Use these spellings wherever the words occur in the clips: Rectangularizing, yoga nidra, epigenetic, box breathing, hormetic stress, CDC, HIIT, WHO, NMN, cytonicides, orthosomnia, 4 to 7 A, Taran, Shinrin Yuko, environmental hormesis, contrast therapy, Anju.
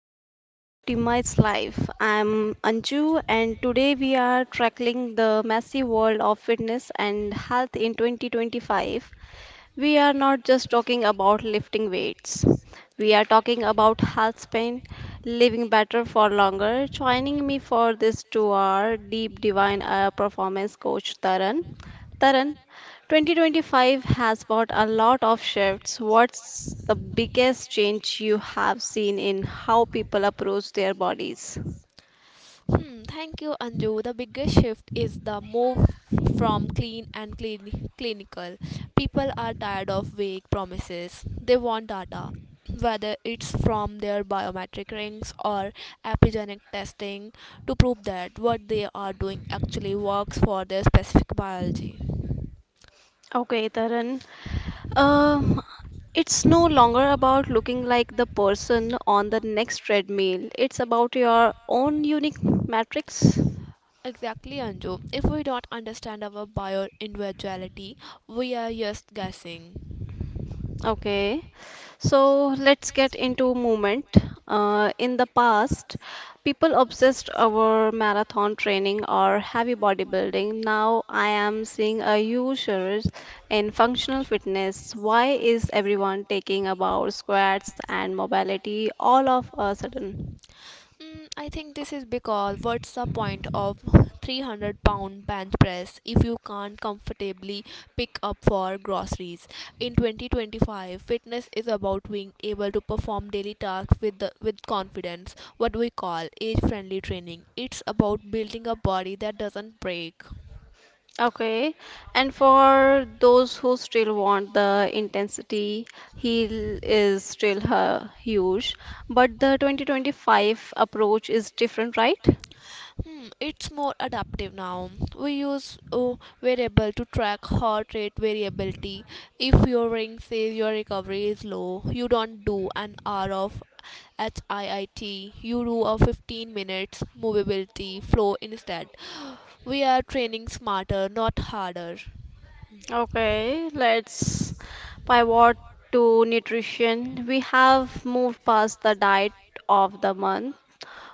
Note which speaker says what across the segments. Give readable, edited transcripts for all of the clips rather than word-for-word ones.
Speaker 1: welcome to the Optimized Life. I'm Anju and today we are tackling the massive world of fitness and health in 2025. We are not just talking about lifting weights. We are talking about health span, living better for longer. Joining me for this 2 hour deep divine performance coach Taran. Taran, 2025 has brought a lot of shifts. What's the biggest change you have seen in how people approach their bodies?
Speaker 2: Thank you, Anju. The biggest shift is the move from clinical. People are tired of vague promises. They want data, whether it's from their biometric rings or epigenetic testing, to prove that what they are doing actually works for their specific biology.
Speaker 1: Okay, Taran. Um, it's no longer about looking like the person on the next treadmill. It's about your own unique matrix.
Speaker 2: Exactly, Anju. If we don't understand our bio individuality, we are just guessing.
Speaker 1: Okay, so let's get into movement. In the past, people obsessed over marathon training or heavy bodybuilding. Now I am seeing a huge surge in functional fitness. Why is everyone taking about squats and mobility all of a sudden?
Speaker 2: I think this is because what's the point of $300 bench press if you can't comfortably pick up for groceries? In 2025, fitness is about being able to perform daily tasks with confidence, what we call age friendly training. It's about building a body that doesn't break.
Speaker 1: Okay, and for those who still want the intensity, heel is still huge, but the 2025 approach is different, right?
Speaker 2: It's more adaptive now. We use a variable to track heart rate variability. If your ring says your recovery is low, you don't do an hour of HIIT. You do a 15 minutes movability flow instead. We are training smarter, not harder.
Speaker 1: Okay, let's pivot to nutrition. We have moved past the diet of the month.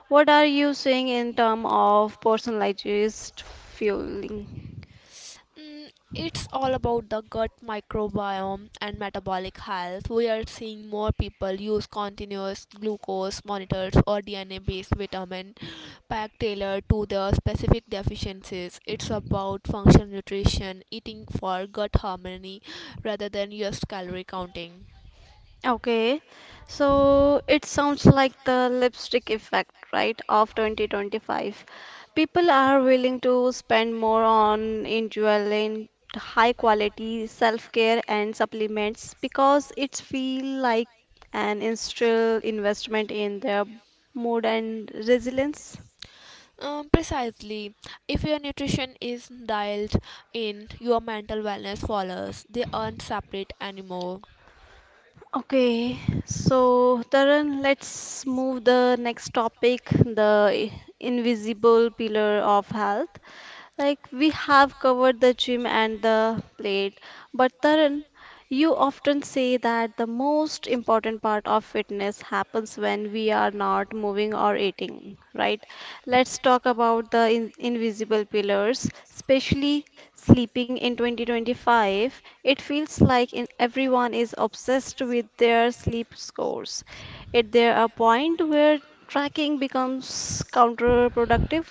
Speaker 1: What are you seeing in terms of personalized fueling?
Speaker 2: It's all about the gut microbiome and metabolic health. We are seeing more people use continuous glucose monitors or DNA based vitamin pack tailored to their specific deficiencies. It's about functional nutrition, eating for gut harmony rather than just calorie counting.
Speaker 1: Okay, so it sounds like the lipstick effect, right, of 2025. People are willing to spend more on enjoying high quality self-care and supplements because it feel like an initial investment in their mood and resilience.
Speaker 2: Precisely, if your nutrition is dialed in, your mental wellness follows. They aren't separate anymore.
Speaker 1: Okay, so Taran, let's move the next topic, the invisible pillar of health. Like we have covered the gym and the plate, but Taran, you often say that the most important part of fitness happens when we are not moving or eating, right? Let's talk about the in invisible pillars, especially sleeping in 2025. It feels like in everyone is obsessed with their sleep scores. Is there a point where tracking becomes counterproductive?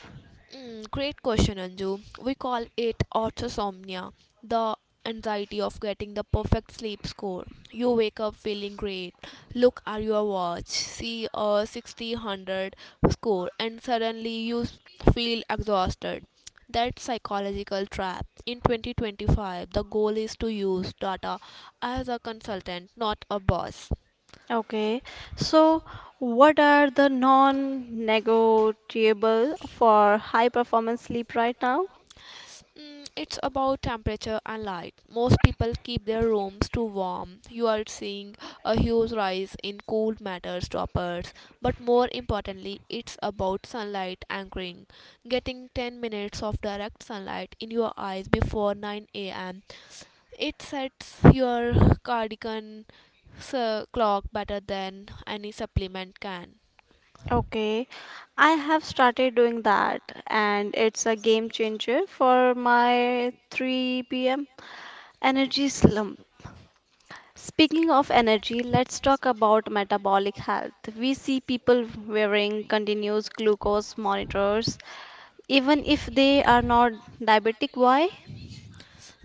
Speaker 2: Great question, Anju. We call it orthosomnia, the anxiety of getting the perfect sleep score. You wake up feeling great, look at your watch, see a 60 hundred score, and suddenly feel exhausted. That psychological trap. In 2025, the goal is to use data as a consultant, not a boss.
Speaker 1: Okay, so what are the non-negotiable for high performance sleep right now?
Speaker 2: It's about temperature and light. Most people keep their rooms too warm. You are seeing a huge rise in cool matters toppers, but more importantly, it's about sunlight anchoring. Getting 10 minutes of direct sunlight in your eyes before 9 a.m. It sets your cardigan clock better than any supplement can.
Speaker 1: Okay, I have started doing that and it's a game changer for my 3 p.m. energy slump. Speaking of energy, let's talk about metabolic health. We see people wearing continuous glucose monitors, even if they are not diabetic. Why?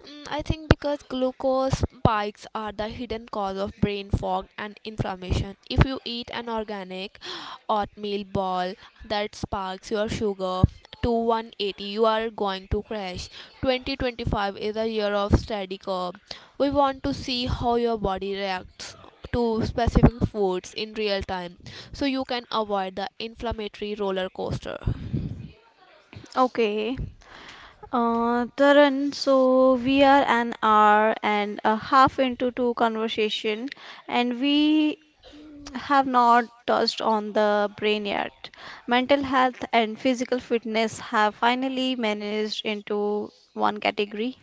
Speaker 2: I think because glucose spikes are the hidden cause of brain fog and inflammation. If you eat an organic oatmeal ball that sparks your sugar to 180, you are going to crash. 2025 is a year of steady curve. We want to see how your body reacts to specific foods in real time so you can avoid the inflammatory roller coaster.
Speaker 1: Okay. Taran, so we are an hour and a half into two conversation, and we have not touched on the brain yet. Mental health and physical fitness have finally managed into one category.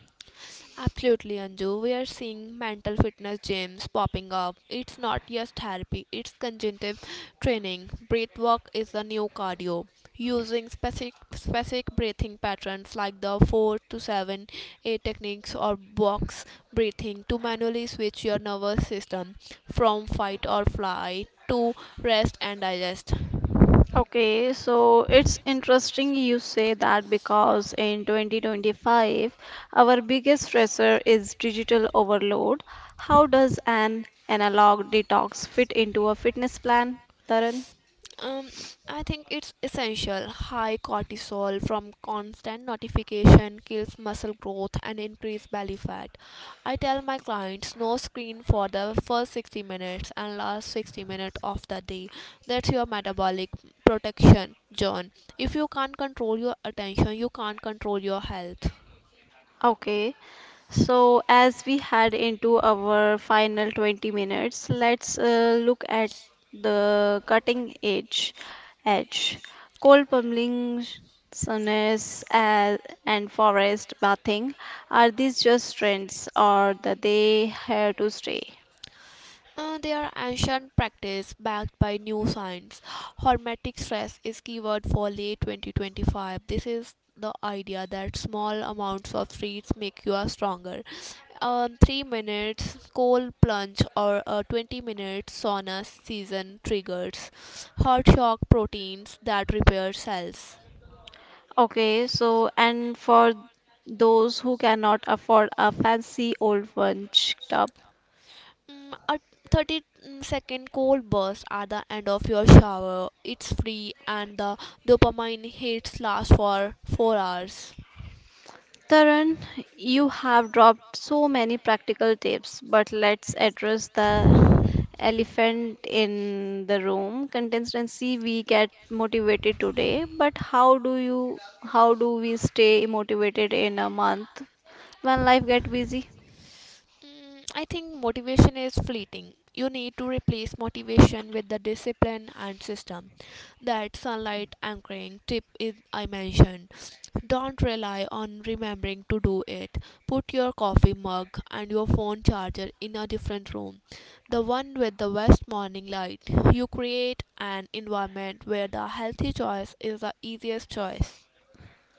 Speaker 2: Absolutely, Anju. We are seeing mental fitness gyms popping up. It's not just therapy, it's cognitive training. Breath work is the new cardio. Using specific breathing patterns like the 4 to 7 A techniques or box breathing to manually switch your nervous system from fight or flight to rest and digest.
Speaker 1: Okay, so it's interesting you say that because in 2025, our biggest stressor is digital overload. How does an analog detox fit into a fitness plan, Taran?
Speaker 2: Um, I think it's essential. High cortisol from constant notification kills muscle growth and increase belly fat. I tell my clients no screen for the first 60 minutes and last 60 minutes of the day. That's your metabolic protection, John. If you can't control your attention, you can't control your health.
Speaker 1: Okay, so as we head into our final 20 minutes, let's look at the cutting edge. Coal plumbing, sonas, and forest bathing. Are these just trends or are they here to stay?
Speaker 2: They are ancient practice backed by new science. Hormetic stress is keyword for late 2025. This is the idea that small amounts of treats make you a stronger. 3 minutes cold plunge or a 20-minute sauna season triggers heart shock proteins that repair cells.
Speaker 1: Okay, so and for those who cannot afford a fancy old one tub,
Speaker 2: A 30 second cold burst at the end of your shower. It's free and the dopamine hits last for 4 hours.
Speaker 1: Karan, you have dropped so many practical tips, but let's address the elephant in the room. Consistency, we get motivated today, but how do we stay motivated in a month when life get busy?
Speaker 2: I think motivation is fleeting. You need to replace motivation with the discipline and system. That sunlight anchoring tip is I mentioned. Don't rely on remembering to do it. Put your coffee mug and your phone charger in a different room. The one with the best morning light. You create an environment where the healthy choice is the easiest choice.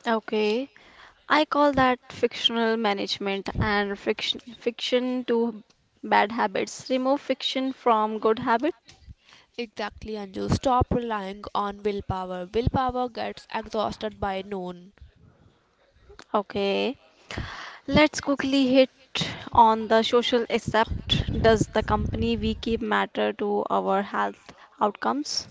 Speaker 1: Okay, I call that fictional management and fiction to bad habits. Remove fiction from good habit.
Speaker 2: Exactly, Anju. Stop relying on willpower. Willpower gets exhausted by noon.
Speaker 1: Okay. Let's quickly hit on the social aspect. Does the company we keep matter to our health outcomes?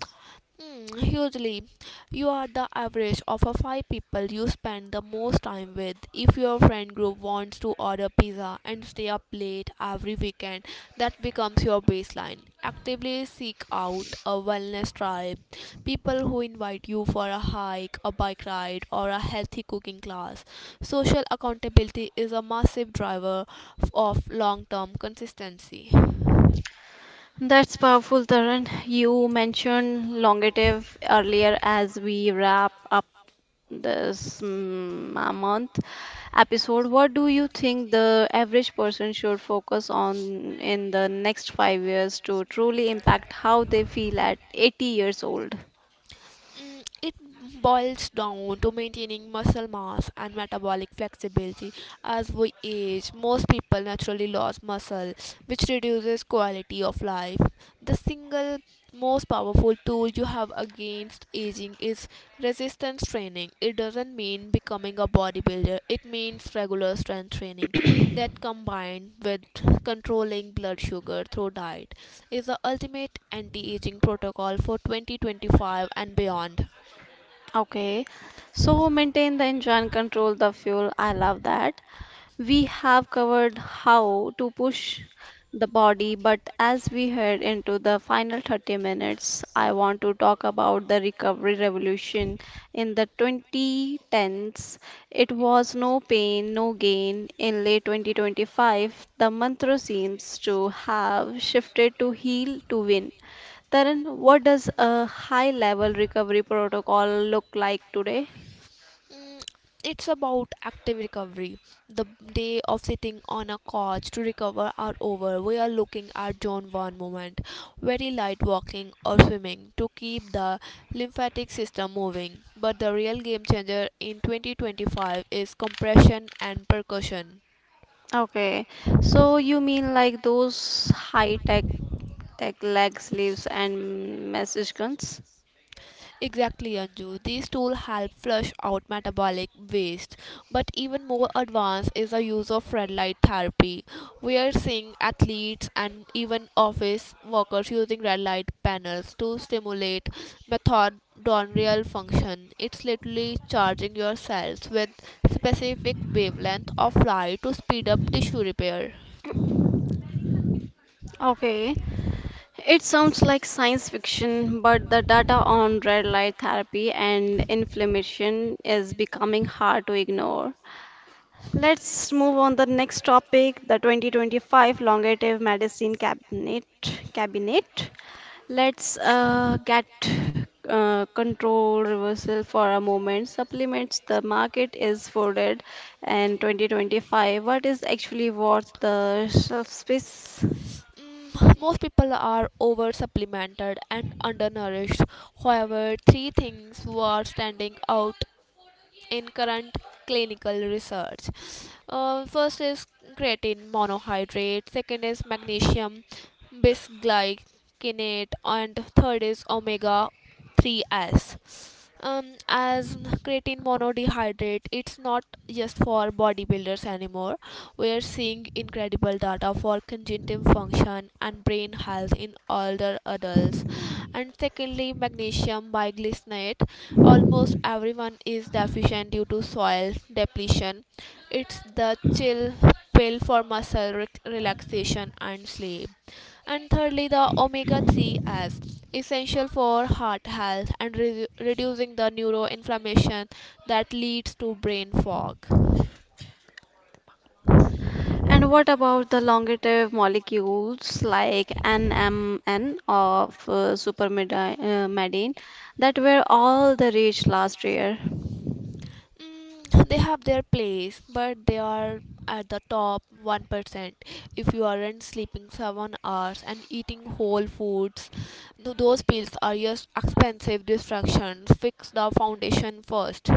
Speaker 2: Hugely, you are the average of a five people you spend the most time with. If your friend group wants to order pizza and stay up late every weekend, that becomes your baseline. Actively seek out a wellness tribe, people who invite you for a hike, a bike ride, or a healthy cooking class. Social accountability is a massive driver of long term consistency.
Speaker 1: That's powerful, Tarun. You mentioned longevity earlier as we wrap up this a month episode. What do you think the average person should focus on in the next 5 years to truly impact how they feel at 80 years old?
Speaker 2: It boils down to maintaining muscle mass and metabolic flexibility. As we age, most people naturally lose muscle, which reduces quality of life. The single most powerful tool you have against aging is resistance training. It doesn't mean becoming a bodybuilder, it means regular strength training that combined with controlling blood sugar through diet is the ultimate anti-aging protocol for 2025 and beyond.
Speaker 1: Okay, so maintain the engine, control the fuel. I love that. We have covered how to push the body, but as we head into the final 30 minutes, I want to talk about the recovery revolution in the 2010s. It was no pain, no gain. In late 2025, the mantra seems to have shifted to heal to win. Taran, what does a high level recovery protocol look like today?
Speaker 2: Mm, It's about active recovery. The day of sitting on a couch to recover are over. We are looking at John one moment, very light walking or swimming to keep the lymphatic system moving. But the real game changer in 2025 is compression and percussion.
Speaker 1: Okay, so you mean like those high tech leg sleeves and message guns?
Speaker 2: Exactly, Anju. These tools help flush out metabolic waste. But even more advanced is the use of red light therapy. We are seeing athletes and even office workers using red light panels to stimulate mitochondrial function. It's literally charging your cells with specific wavelength of light to speed up tissue repair.
Speaker 1: Okay, it sounds like science fiction, but the data on red light therapy and inflammation is becoming hard to ignore. Let's move on the next topic, the 2025 Longevity Medicine Cabinet. Let's get control reversal for a moment. Supplements the market is flooded, and 2025. What is actually worth the shelf space?
Speaker 2: Most people are over supplemented and undernourished. However, three things were standing out in current clinical research. First is creatine monohydrate, second is magnesium bisglycinate, and third is omega three s as creatine monodehydrate it's not just for bodybuilders anymore. We are seeing incredible data for cognitive function and brain health in older adults, and secondly magnesium biglycinate almost everyone is deficient due to soil depletion. It's the chill pill for muscle relaxation and sleep, and thirdly, the omega 3 as essential for heart health and reducing the neuroinflammation that leads to brain fog.
Speaker 1: And what about the longative molecules like NMN of supermedine medine that were all the rage last year?
Speaker 2: They have their place, but they are at the top 1%. If you aren't sleeping 7 hours and eating whole foods, those pills are just expensive distractions. Fix the foundation first.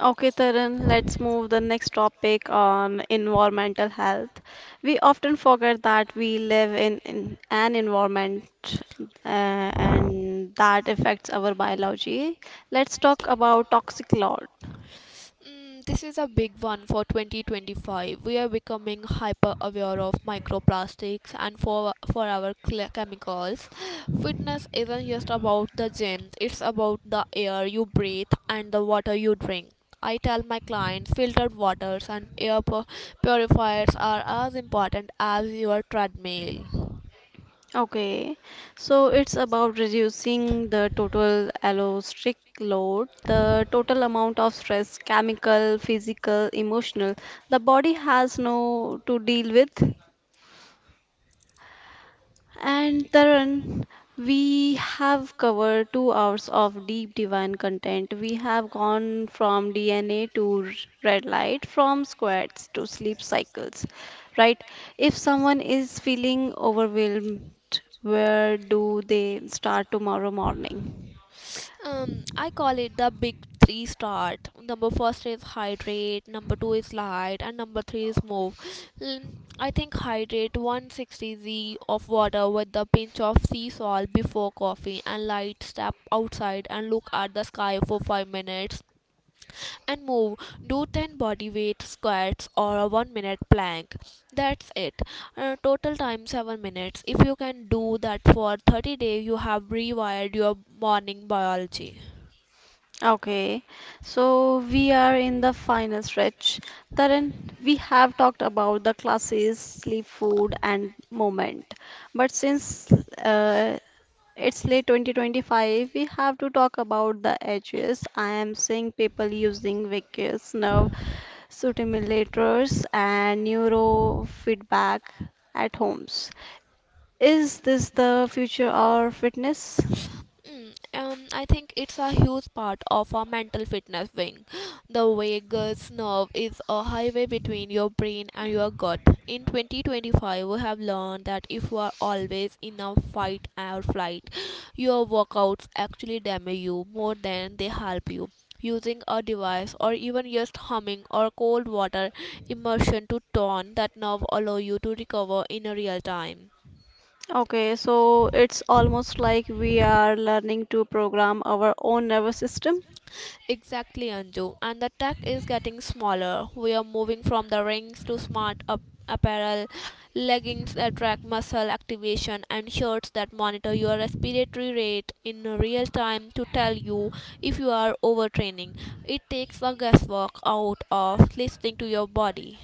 Speaker 1: Okay, Tarun, let's move the next topic on environmental health. We often forget that we live in an environment uh, and that affects our biology. Let's talk about toxic load.
Speaker 2: This is a big one for 2025. We are becoming hyper aware of microplastics and for our chemicals. Fitness isn't just about the gym, it's about the air you breathe and the water you drink. I tell my clients filtered waters and air purifiers are as important as your treadmill.
Speaker 1: Okay, so it's about reducing the total allosteric load, the total amount of stress, chemical, physical, emotional, the body has no to deal with. And Tarun, we have covered 2 hours of deep divine content. We have gone from DNA to red light, from squats to sleep cycles, right? If someone is feeling overwhelmed, where do they start tomorrow morning?
Speaker 2: I call it the big three start. Number first is hydrate, number two is light, and number three is move. Mm, I think hydrate 160 z of water with a pinch of sea salt before coffee, and light step outside and look at the sky for 5 minutes. And move, do 10 body weight squats or a 1 minute plank. That's it. Total time 7 minutes. If you can do that for 30 days, you have rewired your morning biology.
Speaker 1: Okay, so we are in the final stretch. Tarun, we have talked about the classes, sleep, food, and moment. But since it's late 2025. We have to talk about the edges. I am seeing people using vicus, nerve stimulators, and neurofeedback at homes. Is this the future of fitness?
Speaker 2: I think it's a huge part of our mental fitness wing. The vagus nerve is a highway between your brain and your gut. In 2025, we have learned that if you are always in a fight or flight, your workouts actually damage you more than they help you. Using a device or even just humming or cold water immersion to tone that nerve allow you to recover in a real time.
Speaker 1: Okay, so it's almost like we are learning to program our own nervous system.
Speaker 2: Exactly, Anju. And the tech is getting smaller. We are moving from the rings to smart up apparel, leggings that track muscle activation, and shirts that monitor your respiratory rate in real time to tell you if you are overtraining. It takes the guesswork out of listening to your body.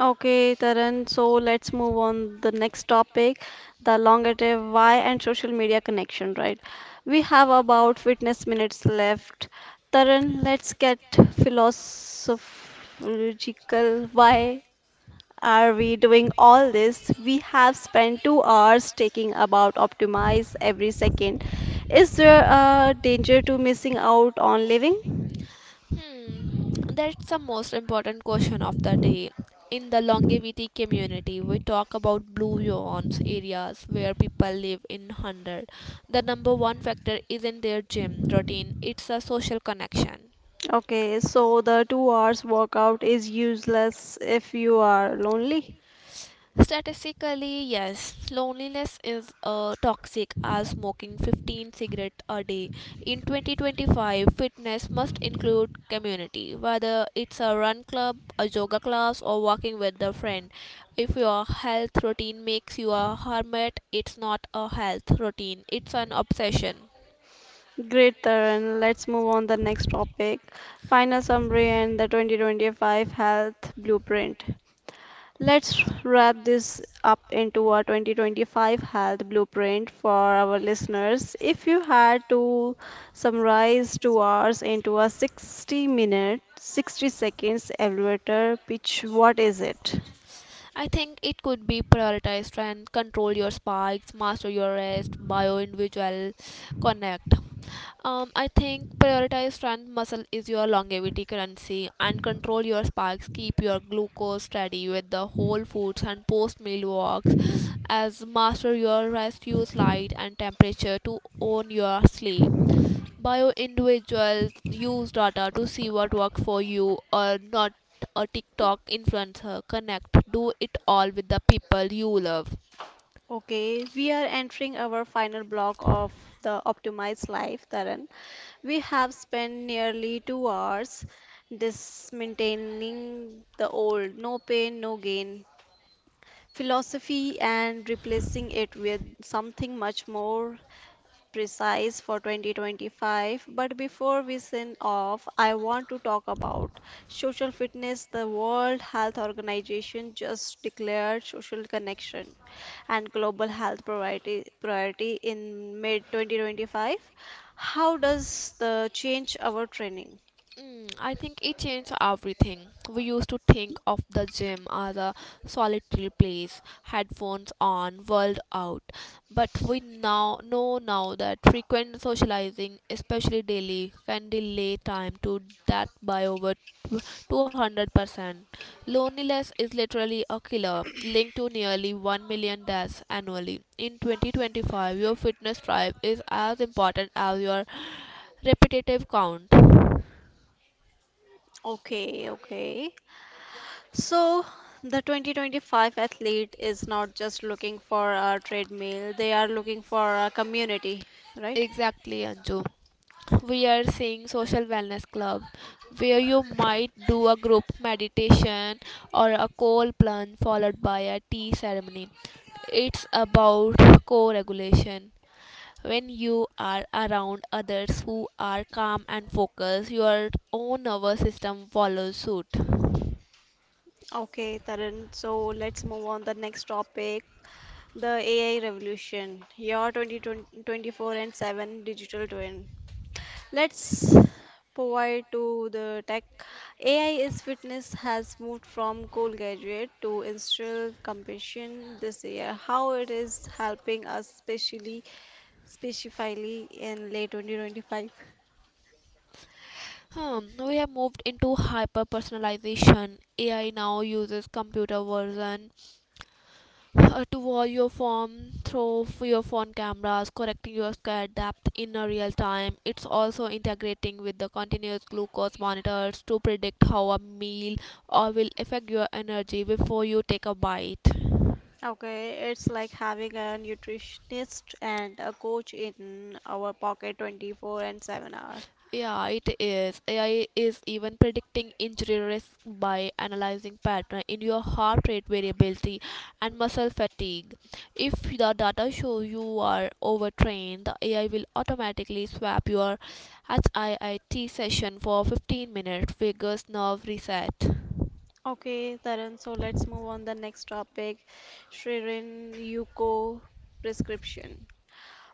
Speaker 1: Okay, Taran, so let's move on the next topic, the elongative why and social media connection, right? We have about fitness minutes left. Taran, let's get philosophical. Why are we doing all this? We have spent 2 hours taking about optimize every second. Is there a danger to missing out on living?
Speaker 2: Hmm, that's the most important question of the day. In the longevity community, we talk about blue zones areas where people live in 100. The number one factor isn't their gym routine, it's a social connection.
Speaker 1: Okay, so the 2 hours workout is useless if you are lonely.
Speaker 2: Statistically, yes, loneliness is toxic as smoking 15 cigarettes a day. In 2025, fitness must include community, whether it's a run club, a yoga class, or walking with a friend. If your health routine makes you a hermit, it's not a health routine, it's an obsession.
Speaker 1: Great, Taran. Let's move on the next topic. Final summary and the 2025 health blueprint. Let's wrap this up into a 2025 health blueprint for our listeners. If you had to summarize 2 hours into a 60 minute, 60 seconds elevator pitch, what is it?
Speaker 2: I think it could be prioritized and control your spikes, master your rest, bio individual, connect. I think prioritize strength muscle is your longevity currency and control your spikes. Keep your glucose steady with the whole foods and post meal walks. As master your rest, use light and temperature to own your sleep. Bio individuals use data to see what works for you or not. A TikTok influencer connect. Do it all with the people you love.
Speaker 1: Okay, we are entering our final block of the Optimized Life, Taran. We have spent nearly 2 hours dismantling the old, no pain, no gain philosophy and replacing it with something much more precise for 2025, but before we sign off, I want to talk about social fitness. The World Health Organization just declared social connection and global health priority in mid 2025. How does the change our training?
Speaker 2: I think it changed everything. We used to think of the gym as a solitary place, headphones on, world out. But we now know now that frequent socializing, especially daily, can delay time to that by over 200%. Loneliness is literally a killer, linked to nearly 1 million deaths annually. In 2025, your fitness drive is as important as your repetitive count.
Speaker 1: Okay. So, the 2025 athlete is not just looking for a treadmill, they are looking for a community, right?
Speaker 2: Exactly, Anju. We are seeing social wellness club where you might do a group meditation or a cold plunge followed by a tea ceremony. It's about co-regulation. When you are around others who are calm and focused, your own nervous system follows suit.
Speaker 1: Okay, Tarun. So let's move on the next topic, the AI revolution. Your 2024 and 7 digital twin. Let's provide to the tech. AI is fitness has moved from cool graduate to industrial compassion this year. How it is helping us, specifically in late 2025.
Speaker 2: We have moved into hyper personalization. AI now uses computer version to view your form through your phone cameras, correcting your sky depth in a real time. It's also integrating with the continuous glucose monitors to predict how a meal will affect your energy before you take a bite.
Speaker 1: Okay, it's like having a nutritionist and a coach in our pocket 24/7 hour.
Speaker 2: Yeah, it is. AI is even predicting injury risk by analyzing pattern in your heart rate variability and muscle fatigue. If the data show you are overtrained, the AI will automatically swap your HIIT session for 15-minute vigorous nerve reset.
Speaker 1: Okay, Taran, so let's move on the next topic, Shririn Yuko prescription.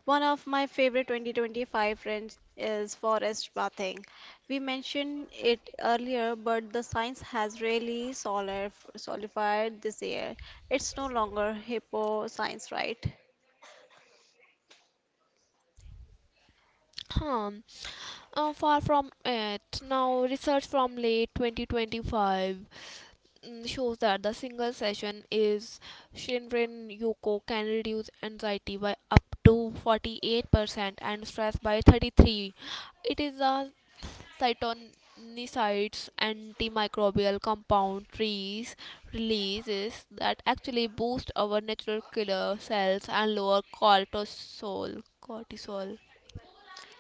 Speaker 1: One of my favorite 2025 trends is forest bathing. We mentioned it earlier, but the science has really solidified this year. It's no longer hippo science, right?
Speaker 2: Hmm. Far from it. Now, research from late 2025, shows that the single session is Shinrin Yuko can reduce anxiety by up to 48% and stress by 33. It is a cytonicides antimicrobial compound trees releases that actually boost our natural killer cells and lower cortisol cortisol.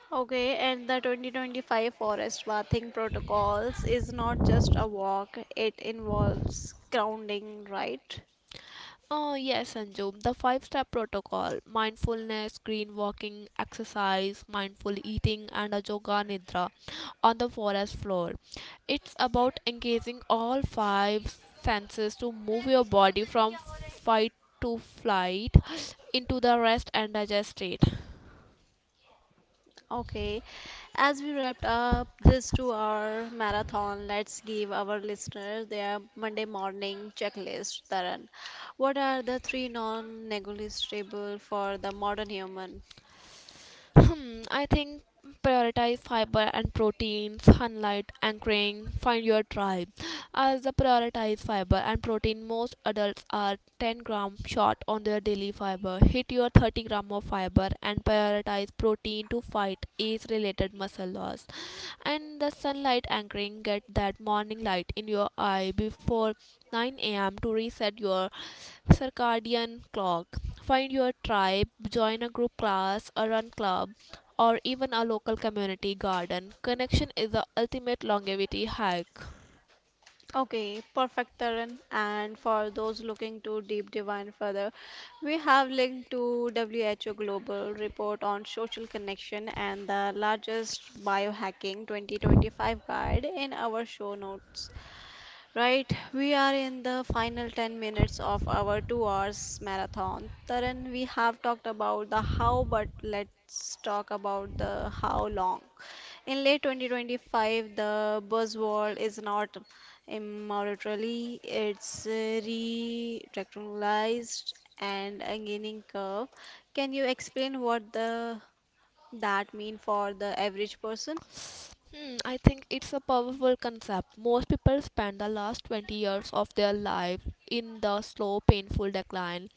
Speaker 1: Okay, and the 2025 forest bathing protocols is not just a walk, it involves grounding, right?
Speaker 2: Oh, yes, Anjum. The five step protocol mindfulness, green walking, exercise, mindful eating, and a yoga nidra on the forest floor. It's about engaging all five senses to move your body from fight to flight into the rest and digest state.
Speaker 1: Okay, as we wrapped up this 2 hour marathon, let's give our listeners their Monday morning checklist. Taran, what are the three non negotiable for the modern human?
Speaker 2: I think prioritize fiber and protein, sunlight, anchoring, find your tribe. As the prioritize fiber and protein, most adults are 10-gram short on their daily fiber. Hit your 30 gram of fiber and prioritize protein to fight age related muscle loss. And the sunlight anchoring, get that morning light in your eye before 9 a.m. to reset your circadian clock. Find your tribe, join a group class, a run club, or even a local community garden. Connection is the ultimate longevity hack.
Speaker 1: Okay, perfect, Taran. And for those looking to deep divine further, we have linked to WHO Global Report on Social Connection and the largest biohacking 2025 guide in our show notes. Right, we are in the final 10 minutes of our 2 hours marathon. Taran, we have talked about the how, but let's talk about the how long. In late 2025, the buzzword is not immortality, it's re-rectalized and a gaining curve. Can you explain what the that mean for the average person?
Speaker 2: I think it's a powerful concept. Most people spend the last 20 years of their life in the slow, painful decline.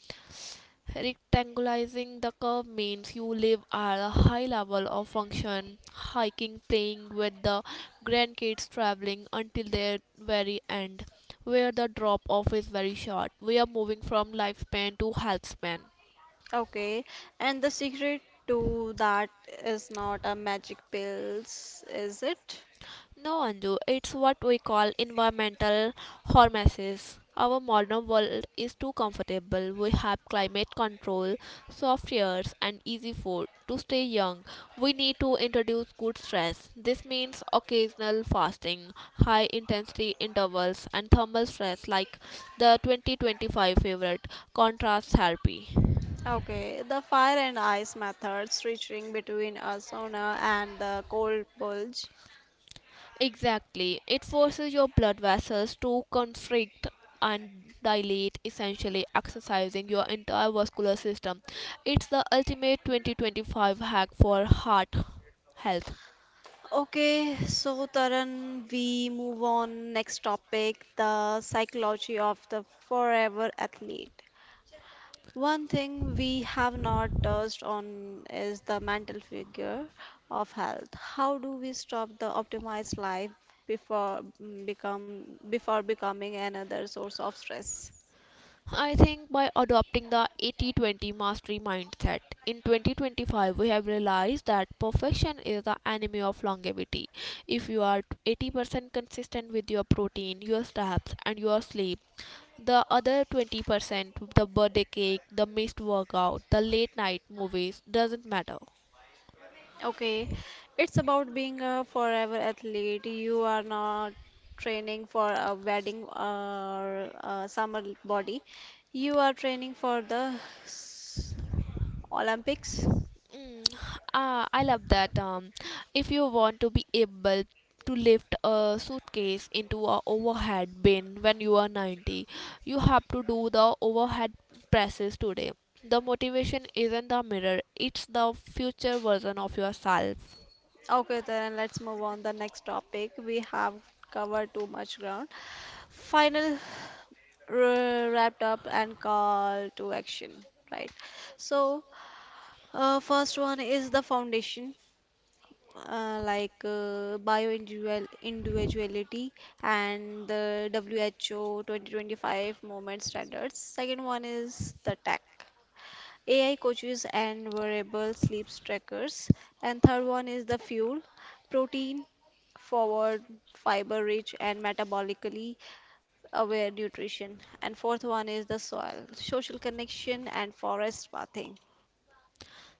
Speaker 2: Rectangularizing the curve means you live at a high level of function, hiking, playing with the grandkids, traveling until their very end, where the drop off is very short. We are moving from lifespan to health span.
Speaker 1: Okay, and the secret to that is not a magic pills, is it?
Speaker 2: No, Anju, it's what we call environmental hormesis. Our modern world is too comfortable. We have climate control, soft airs, and easy food. To stay young, we need to introduce good stress. This means occasional fasting, high intensity intervals, and thermal stress like the 2025 favorite contrast therapy.
Speaker 1: Okay, the fire and ice method switching between a sauna and the cold plunge.
Speaker 2: Exactly. It forces your blood vessels to constrict and dilate, essentially exercising your entire vascular system. It's the ultimate 2025 hack for heart health.
Speaker 1: Okay, so Taran, we move on next topic, the psychology of the forever athlete. One thing we have not touched on is the mental figure of health. How do we stop the optimized life before mm, become before becoming another source of stress?
Speaker 2: I think by adopting the 80 20 mastery mindset in 2025, we have realized that perfection is the enemy of longevity. If you are 80% consistent with your protein, your steps, and your sleep, the other 20%, the birthday cake, the missed workout, the late night movies, doesn't matter.
Speaker 1: Okay, it's about being a forever athlete. You are not training for a wedding or a summer body. You are training for the Olympics.
Speaker 2: Mm, I love that. If you want to be able to lift a suitcase into a overhead bin when you are 90, you have to do the overhead presses today. The motivation isn't the mirror, it's the future version of yourself.
Speaker 1: Okay, then let's move on the next topic. We have covered too much ground. Final wrapped up and call to action, right? So, first one is the foundation, bioindividual individuality and the WHO 2025 movement standards. Second one is the tech. AI coaches and wearable sleep trackers. And third one is the fuel, protein forward, fiber rich, and metabolically aware nutrition. And fourth one is the soil, social connection, and forest bathing.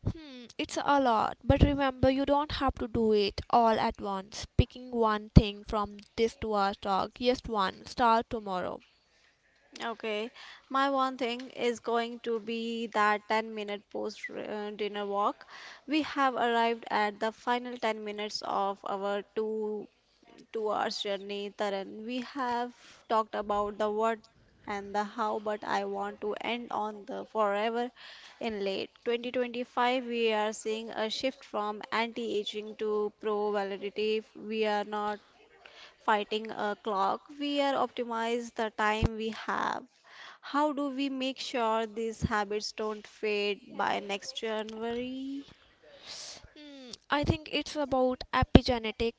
Speaker 2: It's a lot, but remember you don't have to do it all at once. Picking one thing from this two-hour talk, yes, one, start tomorrow.
Speaker 1: Okay, my one thing is going to be that 10-minute post dinner walk. We have arrived at the final 10 minutes of our two to our journey, Taran. We have talked about the what and the how, but I want to end on the forever in late 2025. We are seeing a shift from anti-aging to pro-validity. We are not fighting a clock. We are optimize the time we have. How do we make sure these habits don't fade by next January?
Speaker 2: I think it's about epigenetic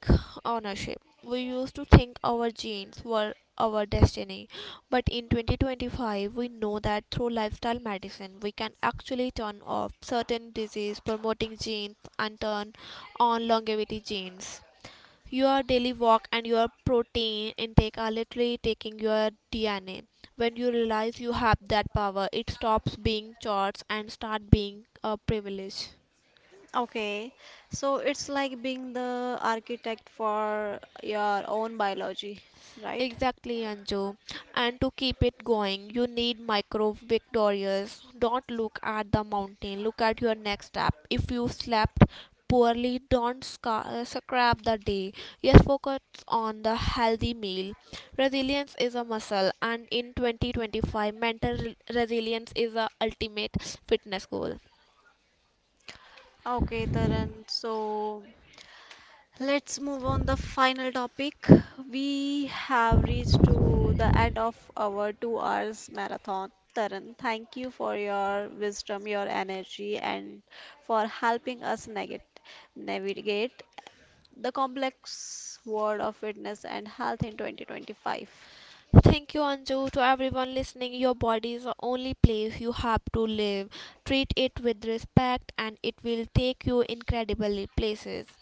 Speaker 2: ownership. We used to think our genes were our destiny, but in 2025, we know that through lifestyle medicine, we can actually turn off certain disease promoting genes and turn on longevity genes. Your daily walk and your protein intake are literally taking your DNA. When you realize you have that power, it stops being chores and start being a privilege.
Speaker 1: Okay, so it's like being the architect for your own biology, right?
Speaker 2: Exactly, Anju. And to keep it going, you need micro victories. Don't look at the mountain, look at your next step. If you slept poorly, don't scrap the day. Yes, focus on the healthy meal. Resilience is a muscle, and in 2025, mental resilience is the ultimate fitness goal.
Speaker 1: Okay, Taran, so let's move on the final topic. We have reached to the end of our 2 hours marathon. Taran, thank you for your wisdom, your energy, and for helping us navigate the complex world of fitness and health in 2025.
Speaker 2: Thank you, Anju. To everyone listening, your body is the only place you have to live. Treat it with respect, and it will take you incredible places.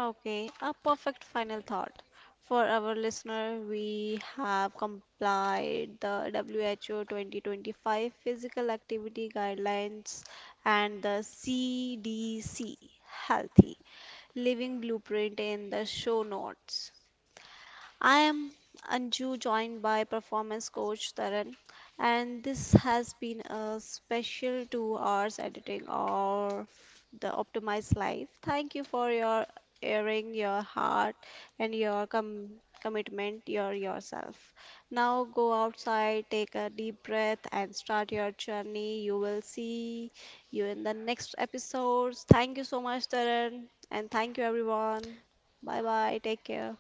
Speaker 1: Okay, a perfect final thought. For our listener, we have complied the WHO 2025 physical activity guidelines and the CDC healthy living blueprint in the show notes. I am Anju, joined by performance coach Taran, and this has been a special 2 hours editing of the Optimized Life. Thank you for your airing, your heart, and your commitment, your yourself. Now go outside, take a deep breath, and start your journey. You will see you in the next episodes. Thank you so much, Taran, and thank you everyone. Bye bye. Take care.